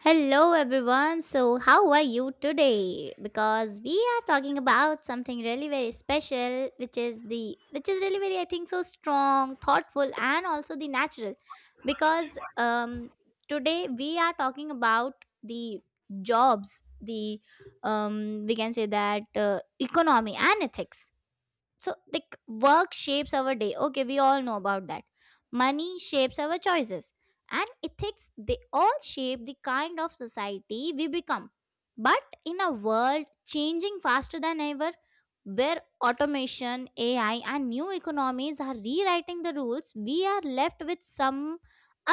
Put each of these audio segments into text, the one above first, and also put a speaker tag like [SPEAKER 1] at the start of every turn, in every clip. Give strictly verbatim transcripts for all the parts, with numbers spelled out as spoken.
[SPEAKER 1] Hello, everyone. So, how are you today? Because we are talking about something really very special, which is the which is really very, I think, so strong, thoughtful, and also the natural. Because um, today we are talking about the jobs, the um, we can say that uh, economy and ethics. So like, work shapes our day. Okay, we all know about that. Money shapes our choices, and ethics, they all shape the kind of society we become. But in a world changing faster than ever, where automation, AI, and new economies are rewriting the rules, we are left with some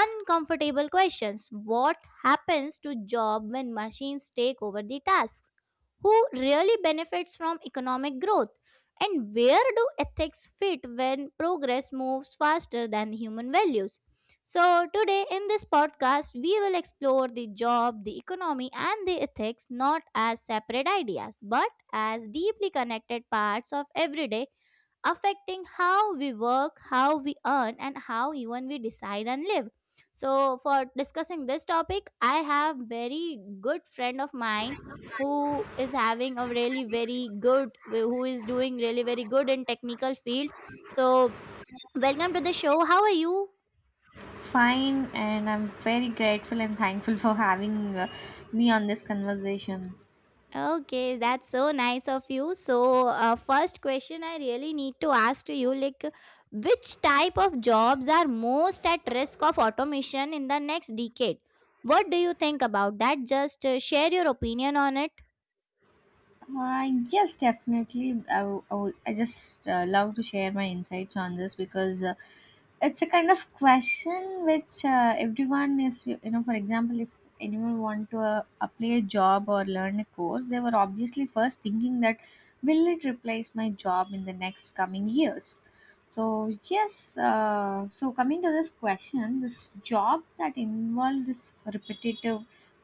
[SPEAKER 1] uncomfortable questions. What happens to job when machines take over the tasks? Who really benefits from economic growth? And where do ethics fit when progress moves faster than human values? So, today in this podcast, we will explore the job, the economy, and the ethics, not as separate ideas but as deeply connected parts of everyday, affecting how we work, how we earn, and how even we decide and live. So, for discussing this topic, I have very good friend of mine, who is having a really very good, who is doing really very good in technical field. So, welcome to the show. How are you?
[SPEAKER 2] Fine, and I'm very grateful and thankful for having uh, me on this conversation.
[SPEAKER 1] Okay, that's so nice of you. So, uh, first question I really need to ask to you, like, which type of jobs are most at risk of automation in the next decade? What do you think about that? Just uh, share your opinion on it.
[SPEAKER 2] Uh, yes, definitely. I, w- I, w- I just uh, love to share my insights on this because uh, it's a kind of question which uh, everyone is, you know, for example, if anyone want to uh, apply a job or learn a course, they were obviously first thinking that will it replace my job in the next coming years? So, yes, uh, so coming to this question, this jobs that involve this repetitive,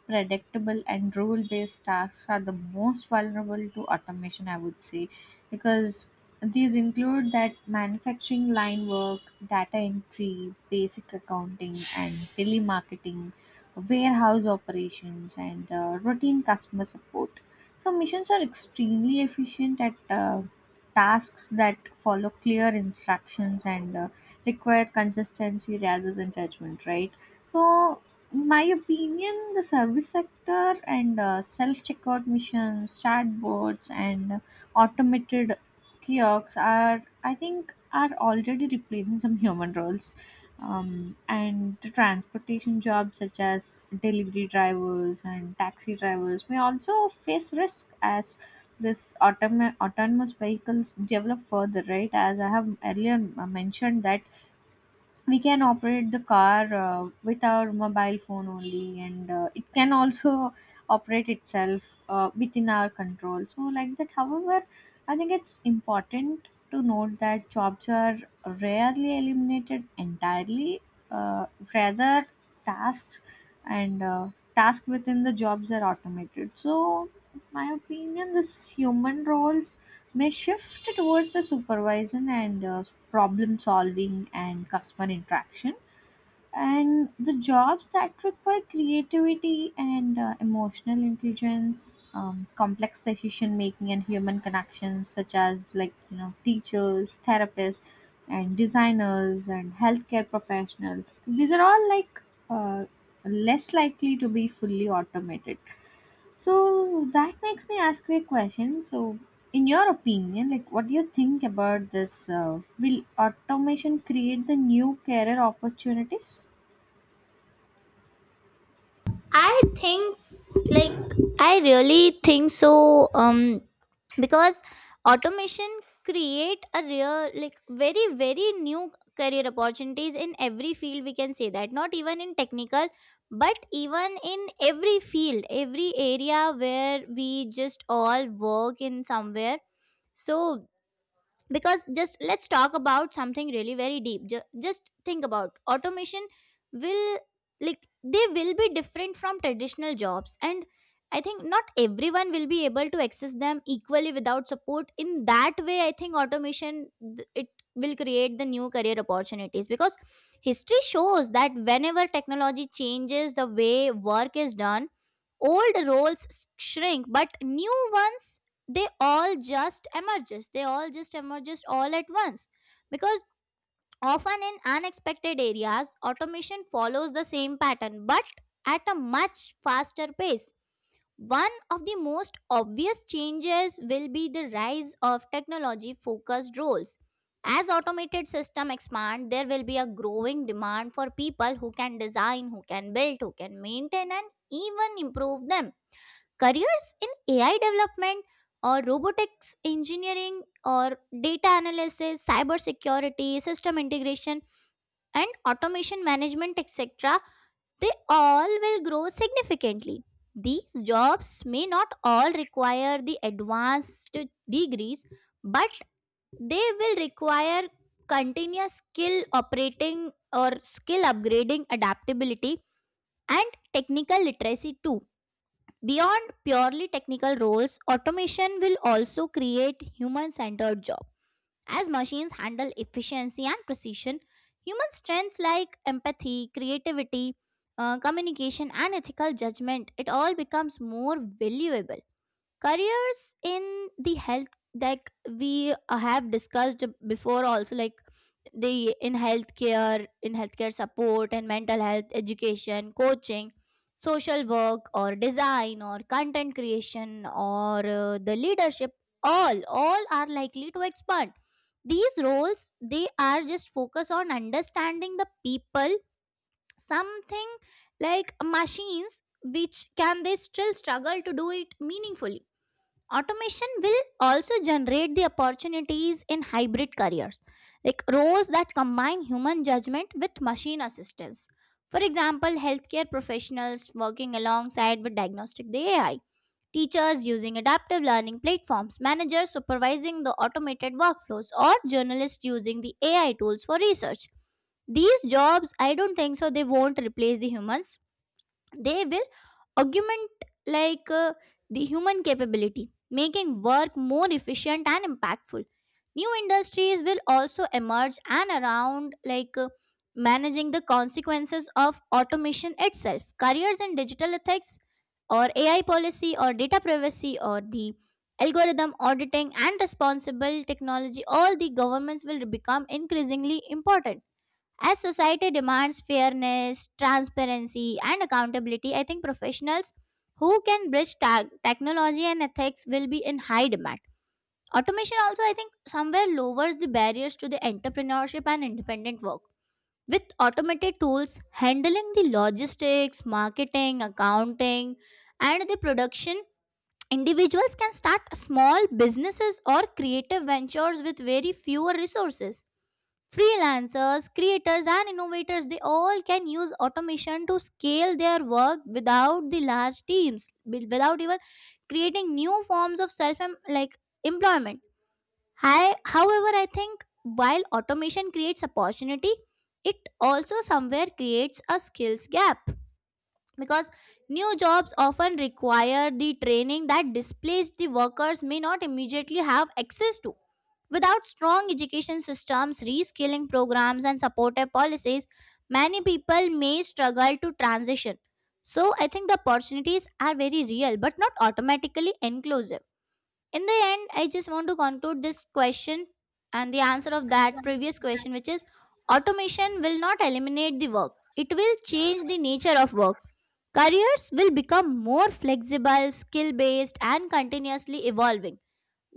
[SPEAKER 2] predictable and rule based tasks are the most vulnerable to automation, I would say, because these include that manufacturing line work, data entry, basic accounting, and telemarketing, warehouse operations, and uh, routine customer support. So missions are extremely efficient at uh, tasks that follow clear instructions and uh, require consistency rather than judgment, right? So in my opinion, the service sector and uh, self-checkout machines, chatbots, and automated kiosks are, I think, are already replacing some human roles. Um, and the transportation jobs such as delivery drivers and taxi drivers may also face risk as this autom- autonomous vehicles develop further, right? As I have earlier uh, mentioned that we can operate the car uh, with our mobile phone only, and uh, it can also operate itself uh, within our control, so like that. However, I think it's important to note that jobs are rarely eliminated entirely. Uh, rather tasks and uh, tasks within the jobs are automated. So in my opinion, this human roles may shift towards the supervision and uh, problem solving and customer interaction, and the jobs that require creativity and uh, emotional intelligence, um, complex decision making and human connections, such as, like, you know, teachers, therapists, and designers, and healthcare professionals, these are all like uh, less likely to be fully automated. So that makes me ask you a question. So, in your opinion, like, what do you think about this? Uh, will automation create the new career opportunities?
[SPEAKER 1] I think, like, I really think so. Um because automation create a real, like, very, very new career opportunities in every field, we can say that, not even in technical, but even in every field, every area where we just all work in somewhere. So, because, just, let's talk about something really very deep. Ju- just think about automation will, like, they will be different from traditional jobs. And I think not everyone will be able to access them equally without support. In that way, I think automation, th- it will create the new career opportunities, because history shows that whenever technology changes the way work is done, old roles s- shrink, but new ones, they all just emerges they all just emerges all at once. Because often in unexpected areas, automation follows the same pattern, but at a much faster pace. One of the most obvious changes will be the rise of technology focused roles. As automated systems expand, there will be a growing demand for people who can design, who can build, who can maintain, and even improve them. Careers in A I development, or robotics engineering, or data analysis, cyber security, system integration, and automation management, et cetera, they all will grow significantly. These jobs may not all require the advanced degrees, but they will require continuous skill operating or skill upgrading, adaptability, and technical literacy too. Beyond purely technical roles, automation will also create human centered jobs. As machines handle efficiency and precision, human strengths like empathy, creativity, uh, communication, and ethical judgment, it all becomes more valuable. Careers in the health, like, we uh, have discussed before also, like, the in healthcare, in healthcare support, and mental health, education, coaching, social work, or design, or content creation, or uh, the leadership, all all are likely to expand. These roles, they are just focus on understanding the people, something like machines which can, they still struggle to do it meaningfully. Automation will also generate the opportunities in hybrid careers, like roles that combine human judgment with machine assistance. For example, healthcare professionals working alongside with diagnostic the A I, teachers using adaptive learning platforms, managers supervising the automated workflows, or journalists using the A I tools for research. These jobs, I don't think so, they won't replace the humans, they will augment, like uh, the human capability, making work more efficient and impactful. New industries will also emerge and around, like uh, managing the consequences of automation itself. Careers in digital ethics, or AI policy, or data privacy, or the algorithm auditing and responsible technology, all the governments will become increasingly important. As society demands fairness, transparency, and accountability, I think professionals who can bridge ta- technology and ethics will be in high demand. Automation also, I think, somewhere lowers the barriers to the entrepreneurship and independent work. With automated tools handling the logistics, marketing, accounting, and the production, individuals can start small businesses or creative ventures with very fewer resources. Freelancers, creators, and innovators, they all can use automation to scale their work without the large teams, wi- without even creating new forms of self em- like employment. Hi, however, I think while automation creates opportunity, it also somewhere creates a skills gap, because new jobs often require the training that displaced the workers may not immediately have access to. Without strong education systems, reskilling programs, and supportive policies, many people may struggle to transition. So, I think the opportunities are very real but not automatically inclusive. In the end, I just want to conclude this question and the answer of that previous question, which is automation will not eliminate the work, it will change the nature of work. Careers will become more flexible, skill based, and continuously evolving.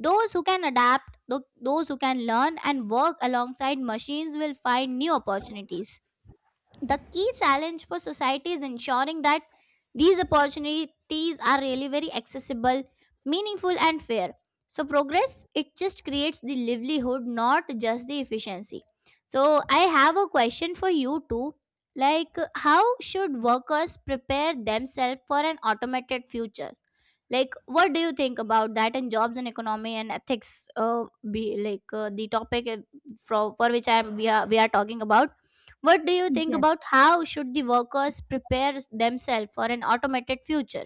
[SPEAKER 1] Those who can adapt, tho- those who can learn and work alongside machines will find new opportunities. The key challenge for society is ensuring that these opportunities are really very accessible, meaningful, and fair. So, progress, it just creates the livelihood, not just the efficiency. So, I have a question for you too. Like, how should workers prepare themselves for an automated future? Like, what do you think about that and jobs and economy and ethics? Uh, be like uh, the topic uh, for for which I am we are we are talking about, what do you think
[SPEAKER 2] Yes.
[SPEAKER 1] about how should the workers prepare themselves for an automated future?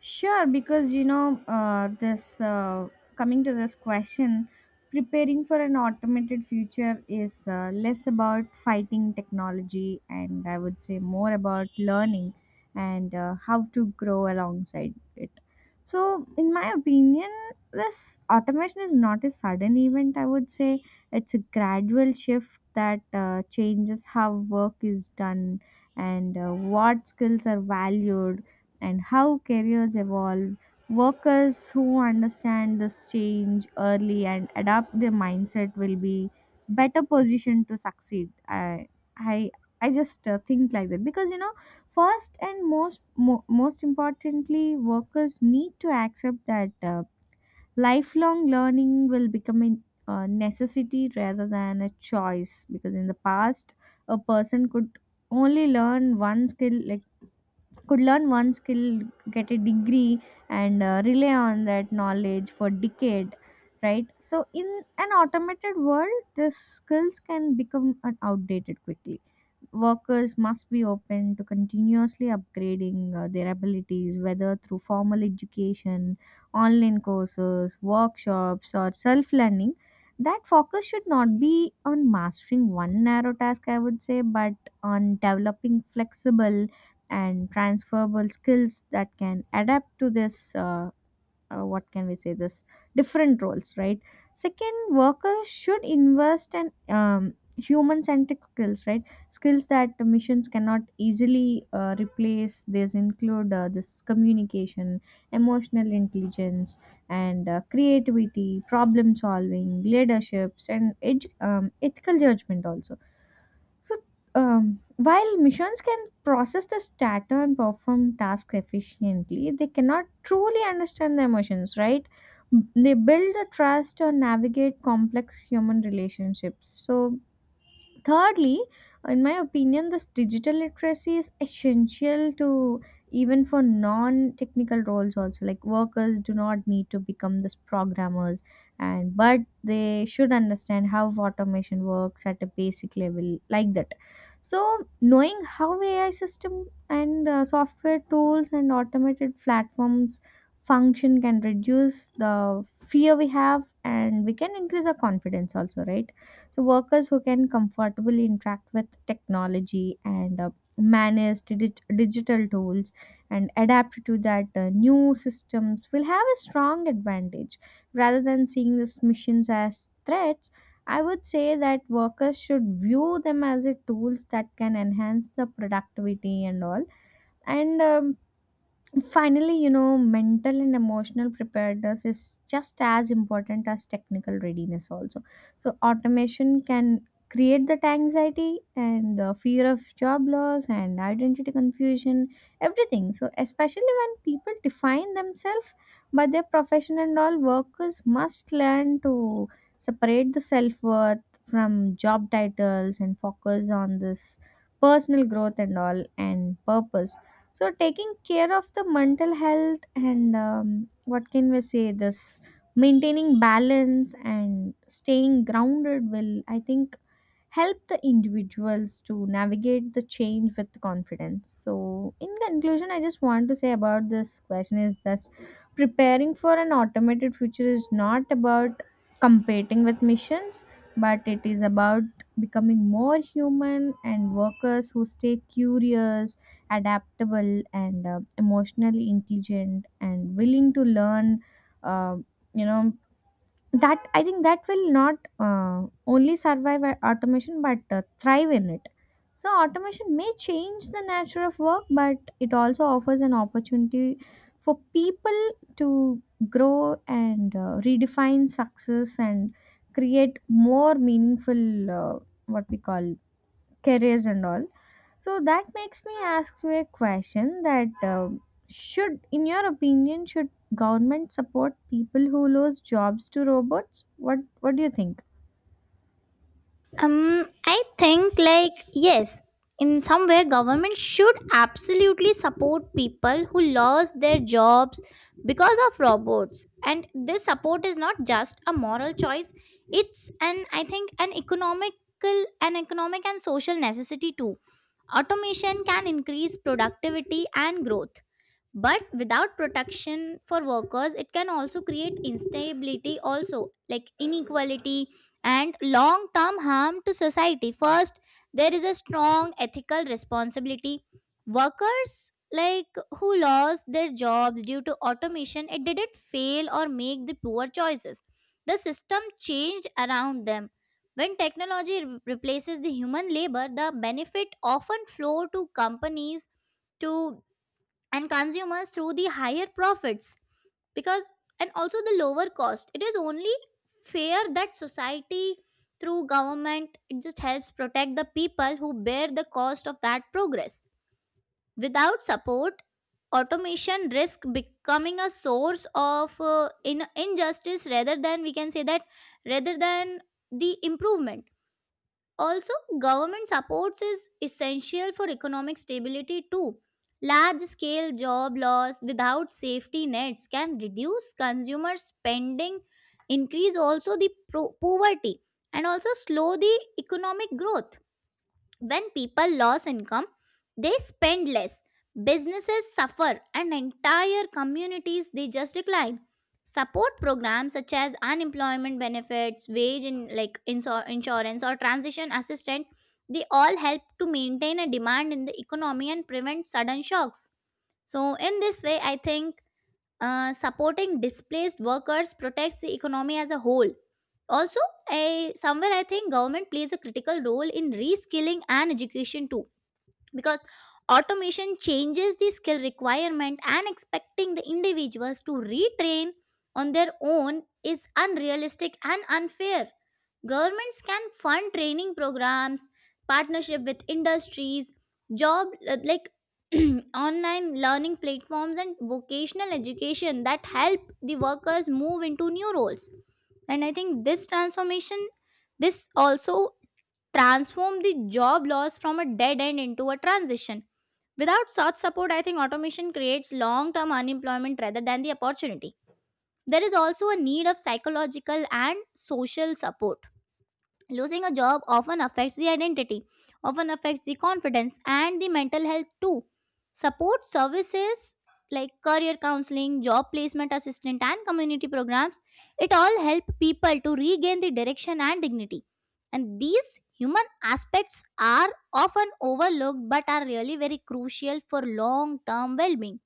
[SPEAKER 2] Sure, because you know, uh, this uh, coming to this question, preparing for an automated future is uh, less about fighting technology, and I would say more about learning and uh, how to grow alongside it. So, in my opinion, this automation is not a sudden event, I would say. It's a gradual shift that uh, changes how work is done and uh, what skills are valued and how careers evolve. Workers who understand this change early and adapt their mindset will be better positioned to succeed. I I I just uh, think like that because you know, first and most mo- most importantly, workers need to accept that uh, lifelong learning will become a a necessity rather than a choice. Because in the past, a person could only learn one skill could learn one skill, get a degree, and uh, rely on that knowledge for decade, right? So in an automated world, the skills can become uh, outdated quickly. Workers must be open to continuously upgrading uh, their abilities, whether through formal education, online courses, workshops, or self learning. That focus should not be on mastering one narrow task, I would say, but on developing flexible and transferable skills that can adapt to this. Uh, uh, what can we say, this different roles, right? Second, workers should invest in um, human centric skills, right? Skills that the missions cannot easily uh, replace. These include uh, this communication, emotional intelligence, and uh, creativity, problem solving, leaderships, and edu- um, ethical judgment also. So, um, while machines can process this data and perform tasks efficiently, they cannot truly understand the emotions, right? They build the trust or navigate complex human relationships. So, thirdly, in my opinion, this digital literacy is essential to even for non technical roles also, like workers do not need to become this programmers, and but they should understand how automation works at a basic level, like that. So knowing how AI system and uh, software tools and automated platforms function can reduce the fear we have, and we can increase our confidence also, right? So workers who can comfortably interact with technology and uh, manage digi- digital tools and adapt to that uh, new systems will have a strong advantage. Rather than seeing these missions as threats, I would say that workers should view them as a tools that can enhance the productivity and all. And um, finally, you know, mental and emotional preparedness is just as important as technical readiness, also. So, automation can create that anxiety and the fear of job loss and identity confusion, everything. So, especially when people define themselves by their profession and all, workers must learn to separate the self worth from job titles and focus on this personal growth and all and purpose. So taking care of the mental health and, um, what can we say, this maintaining balance and staying grounded will, I think, help the individuals to navigate the change with confidence. So in conclusion, I just want to say about this question is that preparing for an automated future is not about competing with missions, but it is about becoming more human. And workers who stay curious, adaptable, and uh, emotionally intelligent and willing to learn, uh, you know that I think that will not uh, only survive a- automation but uh, thrive in it. So automation may change the nature of work, but it also offers an opportunity for people to grow and uh, redefine success and create more meaningful, uh, what we call, careers and all. So that makes me ask you a question that, um should, in your opinion, should government support people who lose jobs to robots? What What do you think?
[SPEAKER 1] Um, I think, like, yes, in somewhere government should absolutely support people who lost their jobs because of robots. And this support is not just a moral choice; it's an, I think, an economical, an economic and social necessity too. Automation can increase productivity and growth, but without protection for workers it can also create instability, also like inequality and long term harm to society. First, there is a strong ethical responsibility. Workers, like, who lost their jobs due to automation, it didn't fail or make the poor choices, the system changed around them. When technology re- replaces the human labor, the benefit often flow to companies to, and consumers, through the higher profits, because, and also the lower cost. It is only fair that society, through government, it just helps protect the people who bear the cost of that progress. Without support, automation risk becoming a source of uh, in- injustice, rather than, we can say that, rather than the improvement. Also, government supports is essential for economic stability too. Large scale job loss without safety nets can reduce consumer spending, increase also the pro- poverty, and also slow the economic growth. When people lose income, they spend less, businesses suffer, and entire communities, they just decline. Support programs such as unemployment benefits, wage in, like, insur- insurance, or transition assistance, they all help to maintain a demand in the economy and prevent sudden shocks. So in this way, I think, uh, supporting displaced workers protects the economy as a whole. Also, I, somewhere, I think government plays a critical role in reskilling and education too, because automation changes the skill requirement, and expecting the individuals to retrain on their own is unrealistic and unfair. Governments can fund training programs, partnership with industries, job uh, like, online learning platforms and vocational education that help the workers move into new roles. And I think this transformation, this also transform the job loss from a dead end into a transition. Without such support, I think automation creates long term unemployment rather than the opportunity. There is also a need of psychological and social support. Losing a job often affects the identity, often affects the confidence and the mental health too. Support services like career counseling, job placement assistant, and community programs, it all help people to regain the direction and dignity. And these human aspects are often overlooked but are really very crucial for long term well being.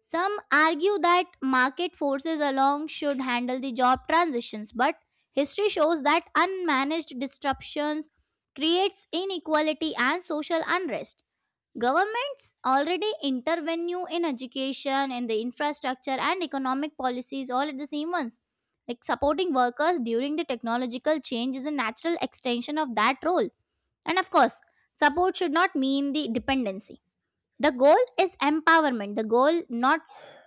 [SPEAKER 1] Some argue that market forces alone should handle the job transitions, but history shows that unmanaged disruptions creates inequality and social unrest. Governments already intervene in education, in the infrastructure and economic policies, all at the same once. Like, supporting workers during the technological change is a natural extension of that role. And of course, support should not mean the dependency. The goal is empowerment, the goal, not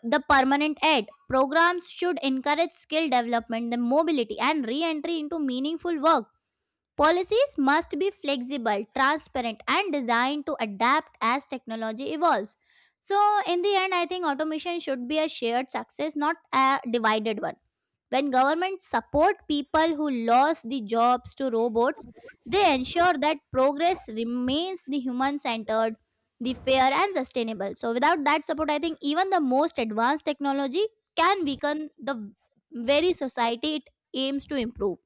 [SPEAKER 1] the permanent aid. Programs should encourage skill development, the mobility, and re entry into meaningful work. Policies must be flexible, transparent, and designed to adapt as technology evolves. So, in the end, I think automation should be a shared success, not a divided one. When governments support people who lost the jobs to robots, they ensure that progress remains the human centered, the fair and sustainable. So without that support, I think even the most advanced technology can weaken the very society it aims to improve.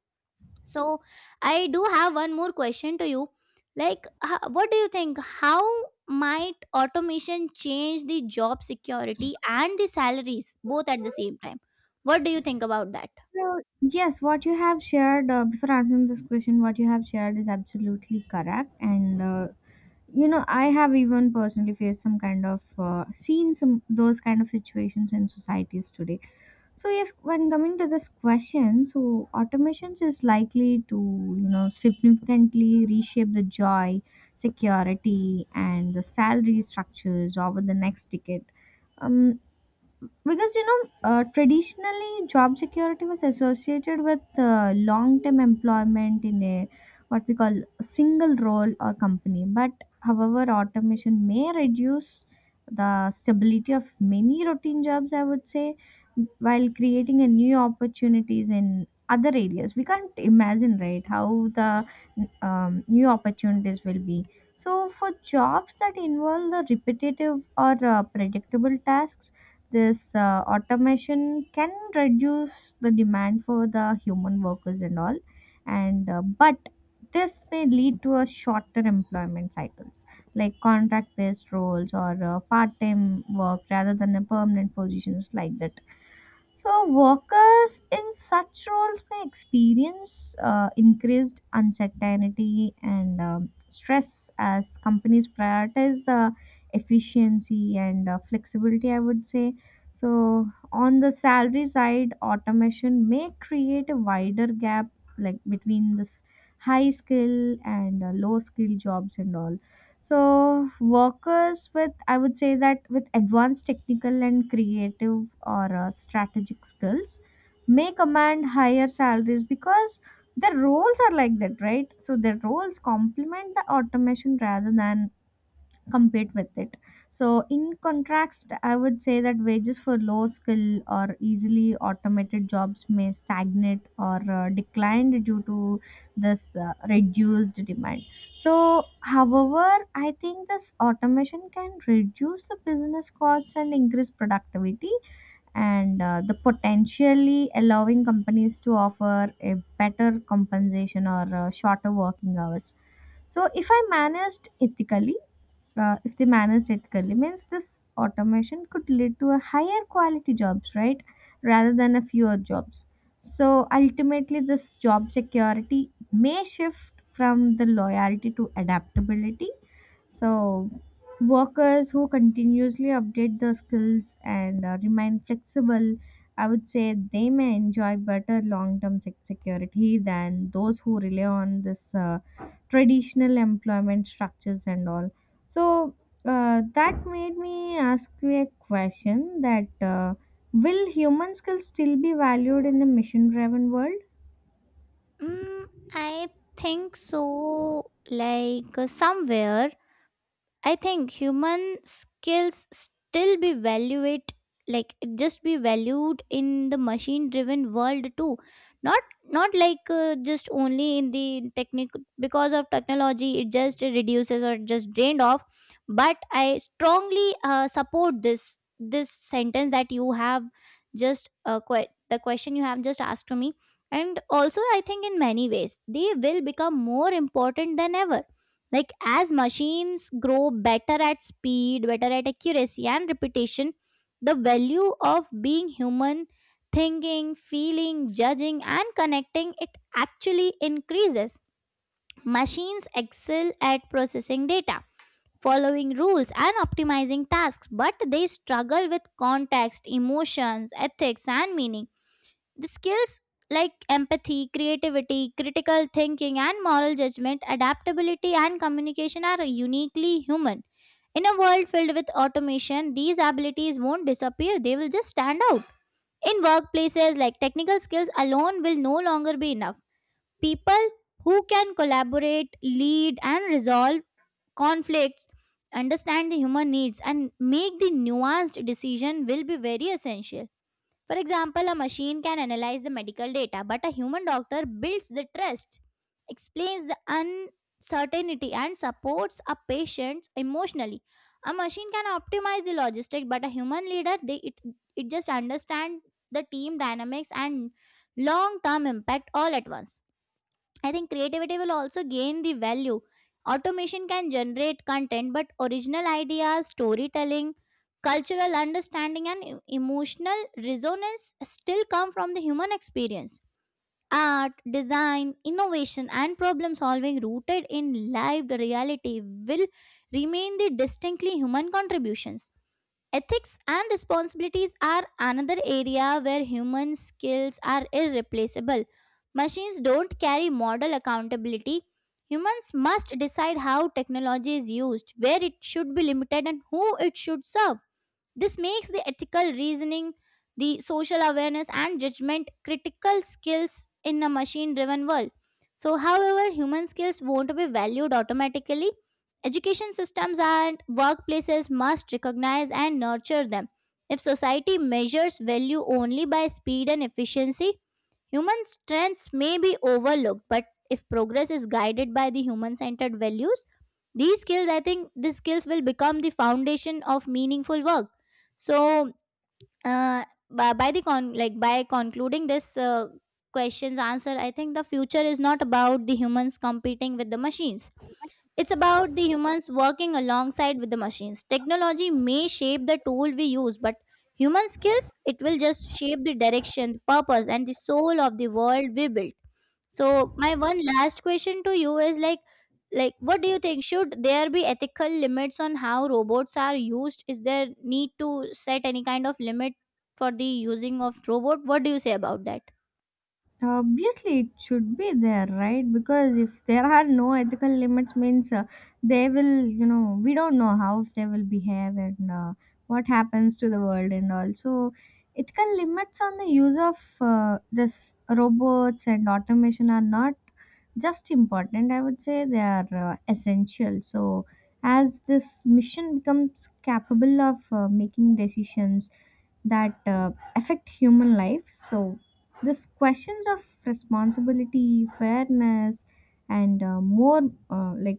[SPEAKER 1] So I do have one more question to you. Like h- what do you think how might automation change the job security and the salaries both at the same time? What do you think about that?
[SPEAKER 2] So, yes, what you have shared uh, before answering this question, what you have shared is absolutely correct. And, uh, you know, I have even personally faced some kind of, uh, seen some those kind of situations in societies today. So yes, when coming to this question, so automations is likely to, you know, significantly reshape the joy, security, and the salary structures over the next decade. Um, because you know, uh, traditionally job security was associated with uh, long term employment in a, what we call, single role or company. But however, automation may reduce the stability of many routine jobs, I would say, while creating a new opportunities in other areas we can't imagine, right? How the um, new opportunities will be. So for jobs that involve the repetitive or uh, predictable tasks, this uh, automation can reduce the demand for the human workers and all. And uh, but this may lead to a shorter employment cycles, like contract based roles or uh, part time work rather than a permanent positions, like that. So workers in such roles may experience uh, increased uncertainty and um, stress as companies prioritize the efficiency and uh, flexibility, I would say. So, on the salary side, automation may create a wider gap, like between this high skill and uh, low skill jobs and all. So, workers with, I would say, that with advanced technical and creative or uh, strategic skills may command higher salaries, because their roles are like that, right? So, their roles complement the automation rather than compete with it. So, in contrast, I would say that wages for low skill or easily automated jobs may stagnate or uh, decline due to this uh, reduced demand. So, however, I think this automation can reduce the business costs and increase productivity, and uh, the potentially allowing companies to offer a better compensation or uh, shorter working hours. So, if I managed ethically, uh, if they manage ethically, means this automation could lead to a higher quality jobs, right, rather than a fewer jobs. So ultimately, this job security may shift from the loyalty to adaptability. So workers who continuously update their skills and uh, remain flexible, I would say, they may enjoy better long term sec security than those who rely on this uh, traditional employment structures and all. So uh, that made me ask you a question, that uh, will human skills still be valued in a machine driven world?
[SPEAKER 1] Mm, I think so. Like uh, somewhere I think human skills still be valued like just be valued in the machine driven world too, not not like uh, just only in the technique because of technology it just reduces or just drained off, but I strongly uh, support this this sentence that you have just uh, que- the question you have just asked to me. And also I think in many ways they will become more important than ever, like as machines grow better at speed, better at accuracy and repetition, the value of being human, thinking, feeling, judging and connecting it actually increases. Machines excel at processing data, following rules and optimizing tasks, but they struggle with context, emotions, ethics and meaning, the skills like empathy, creativity, critical thinking, and moral judgment, adaptability, and communication are uniquely human. In a world filled with automation, these abilities won't disappear, they will just stand out. In workplaces, like technical skills alone will no longer be enough. People who can collaborate, lead, and resolve conflicts, understand the human needs, and make the nuanced decision will be very essential. For example, a machine can analyze the medical data, but a human doctor builds the trust, explains the uncertainty, and supports a patient emotionally. A machine can optimize the logistics, but a human leader, they, it, it just understands the team dynamics and long term impact all at once. I think creativity will also gain the value. Automation can generate content, but original ideas, storytelling, cultural understanding, and e- emotional resonance still come from the human experience. Art, design, innovation, and problem solving rooted in lived reality will remain the distinctly human contributions. Ethics and responsibilities are another area where human skills are irreplaceable. Machines don't carry moral accountability. Humans must decide how technology is used, where it should be limited, and who it should serve. This makes the ethical reasoning, the social awareness, and judgment critical skills in a machine driven world. So, however, human skills won't be valued automatically. Education systems and workplaces must recognize and nurture them. If society measures value only by speed and efficiency, human strengths may be overlooked, but if progress is guided by the human centered values, these skills, I think, these skills will become the foundation of meaningful work. So, uh, by, by the con like by concluding this uh, question's answer, I think the future is not about the humans competing with the machines, it's about the humans working alongside with the machines. Technology may shape the tool we use, but human skills, it will just shape the direction, purpose and the soul of the world we build. So my one last question to you is like like what do you think, should there be ethical limits on how robots are used? Is there need to set any kind of limit for the using of robot? What do you say about that?
[SPEAKER 2] Obviously, it should be there, right? Because if there are no ethical limits, means uh, they will, you know, we don't know how they will behave and uh, what happens to the world. And also, ethical limits on the use of uh, this robots and automation are not just important. I would say they are uh, essential. So as this mission becomes capable of uh, making decisions that uh, affect human life. So, these questions of responsibility, fairness, and uh, more uh, like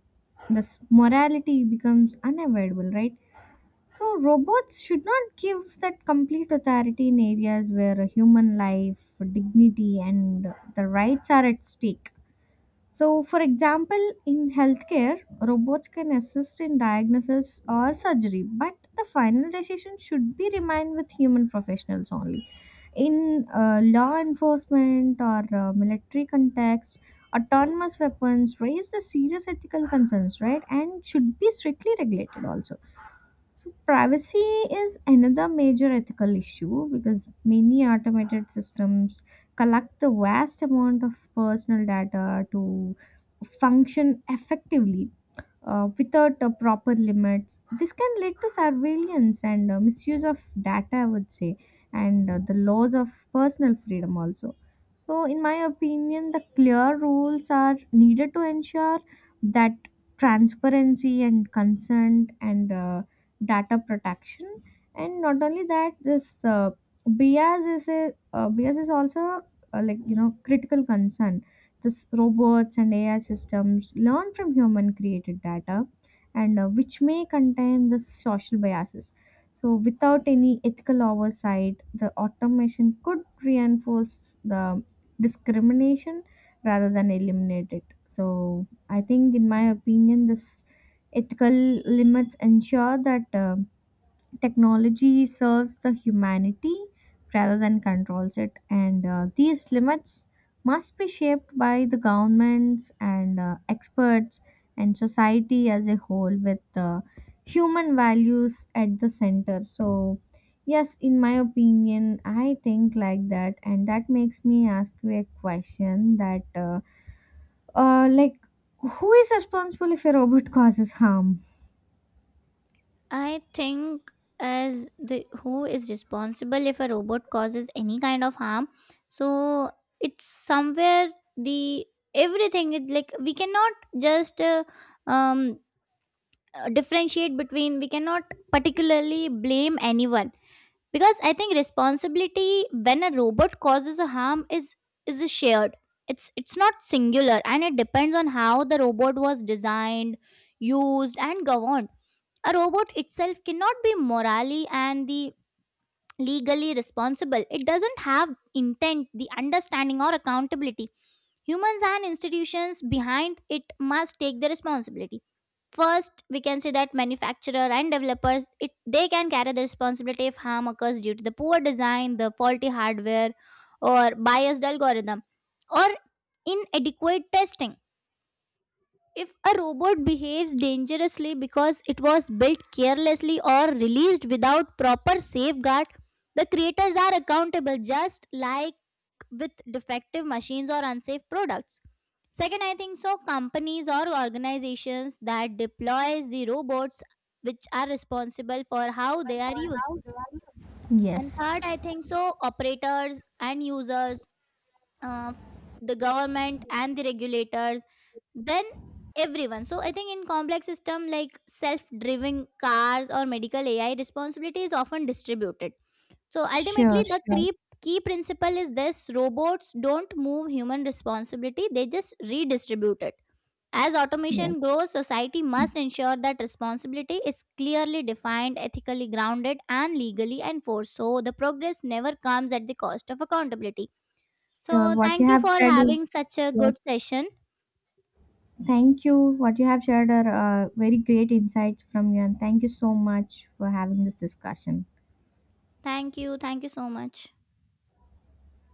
[SPEAKER 2] this morality becomes unavoidable, right? So, robots should not give that complete authority in areas where human life, dignity, and the rights are at stake. So, for example, in healthcare, robots can assist in diagnosis or surgery, but the final decision should be remain with human professionals only. In uh, law enforcement or uh, military context, autonomous weapons raise the serious ethical concerns, right? And should be strictly regulated also. So, privacy is another major ethical issue because many automated systems collect the vast amount of personal data to function effectively uh, without uh, proper limits. This can lead to surveillance and uh, misuse of data, I would say, and uh, the laws of personal freedom also. So, in my opinion, the clear rules are needed to ensure that transparency and consent and uh, data protection. And not only that, this uh, bias is a, uh, bias is also uh, like, you know, critical concern. This robots and AI systems learn from human created data, and uh, which may contain the social biases. So without any ethical oversight, the automation could reinforce the discrimination rather than eliminate it. So I think, in my opinion, this ethical limits ensure that uh, technology serves the humanity rather than controls it. And uh, these limits must be shaped by the governments and uh, experts and society as a whole, with uh, human values at the center. So yes, in my opinion, I think like that. And that makes me ask you a question that, uh, uh, like who is responsible if a robot causes harm?
[SPEAKER 1] I think as, the, who is responsible if a robot causes any kind of harm? So, it's somewhere, the everything, it like we cannot just uh, um uh, differentiate between, we cannot particularly blame anyone, because I think responsibility when a robot causes a harm is is shared, it's it's not singular, and it depends on how the robot was designed, used and governed. A robot itself cannot be morally and the legally responsible, it doesn't have intent, the understanding or accountability. Humans and institutions behind it must take the responsibility. First, we can say that manufacturer and developers, it they can carry the responsibility if harm occurs due to the poor design, the faulty hardware, or biased algorithm, or inadequate testing. If a robot behaves dangerously because it was built carelessly or released without proper safeguard, the creators are accountable just like with defective machines or unsafe products. Second, I think so companies or organizations that deploys the robots, which are responsible for how they are used. And third,
[SPEAKER 2] Yes.
[SPEAKER 1] I think so operators and users, uh, the government and the regulators, then everyone. So I think in complex system like self-driving cars or medical A I, responsibility is often distributed. So
[SPEAKER 2] Sure,
[SPEAKER 1] ultimately, the
[SPEAKER 2] sure.
[SPEAKER 1] key, key principle is this, robots don't move human responsibility, they just redistribute it. As automation
[SPEAKER 2] Yes.
[SPEAKER 1] grows, society must ensure that responsibility is clearly defined, ethically grounded, and legally enforced. So the progress never comes at the cost of accountability.
[SPEAKER 2] Sure,
[SPEAKER 1] So
[SPEAKER 2] what you
[SPEAKER 1] thank you
[SPEAKER 2] have
[SPEAKER 1] for
[SPEAKER 2] said
[SPEAKER 1] having
[SPEAKER 2] is
[SPEAKER 1] such a good
[SPEAKER 2] yes.
[SPEAKER 1] session.
[SPEAKER 2] Thank you. What you have shared are uh, very great insights from you, and thank you so much for having this discussion.
[SPEAKER 1] Thank you. Thank you so much.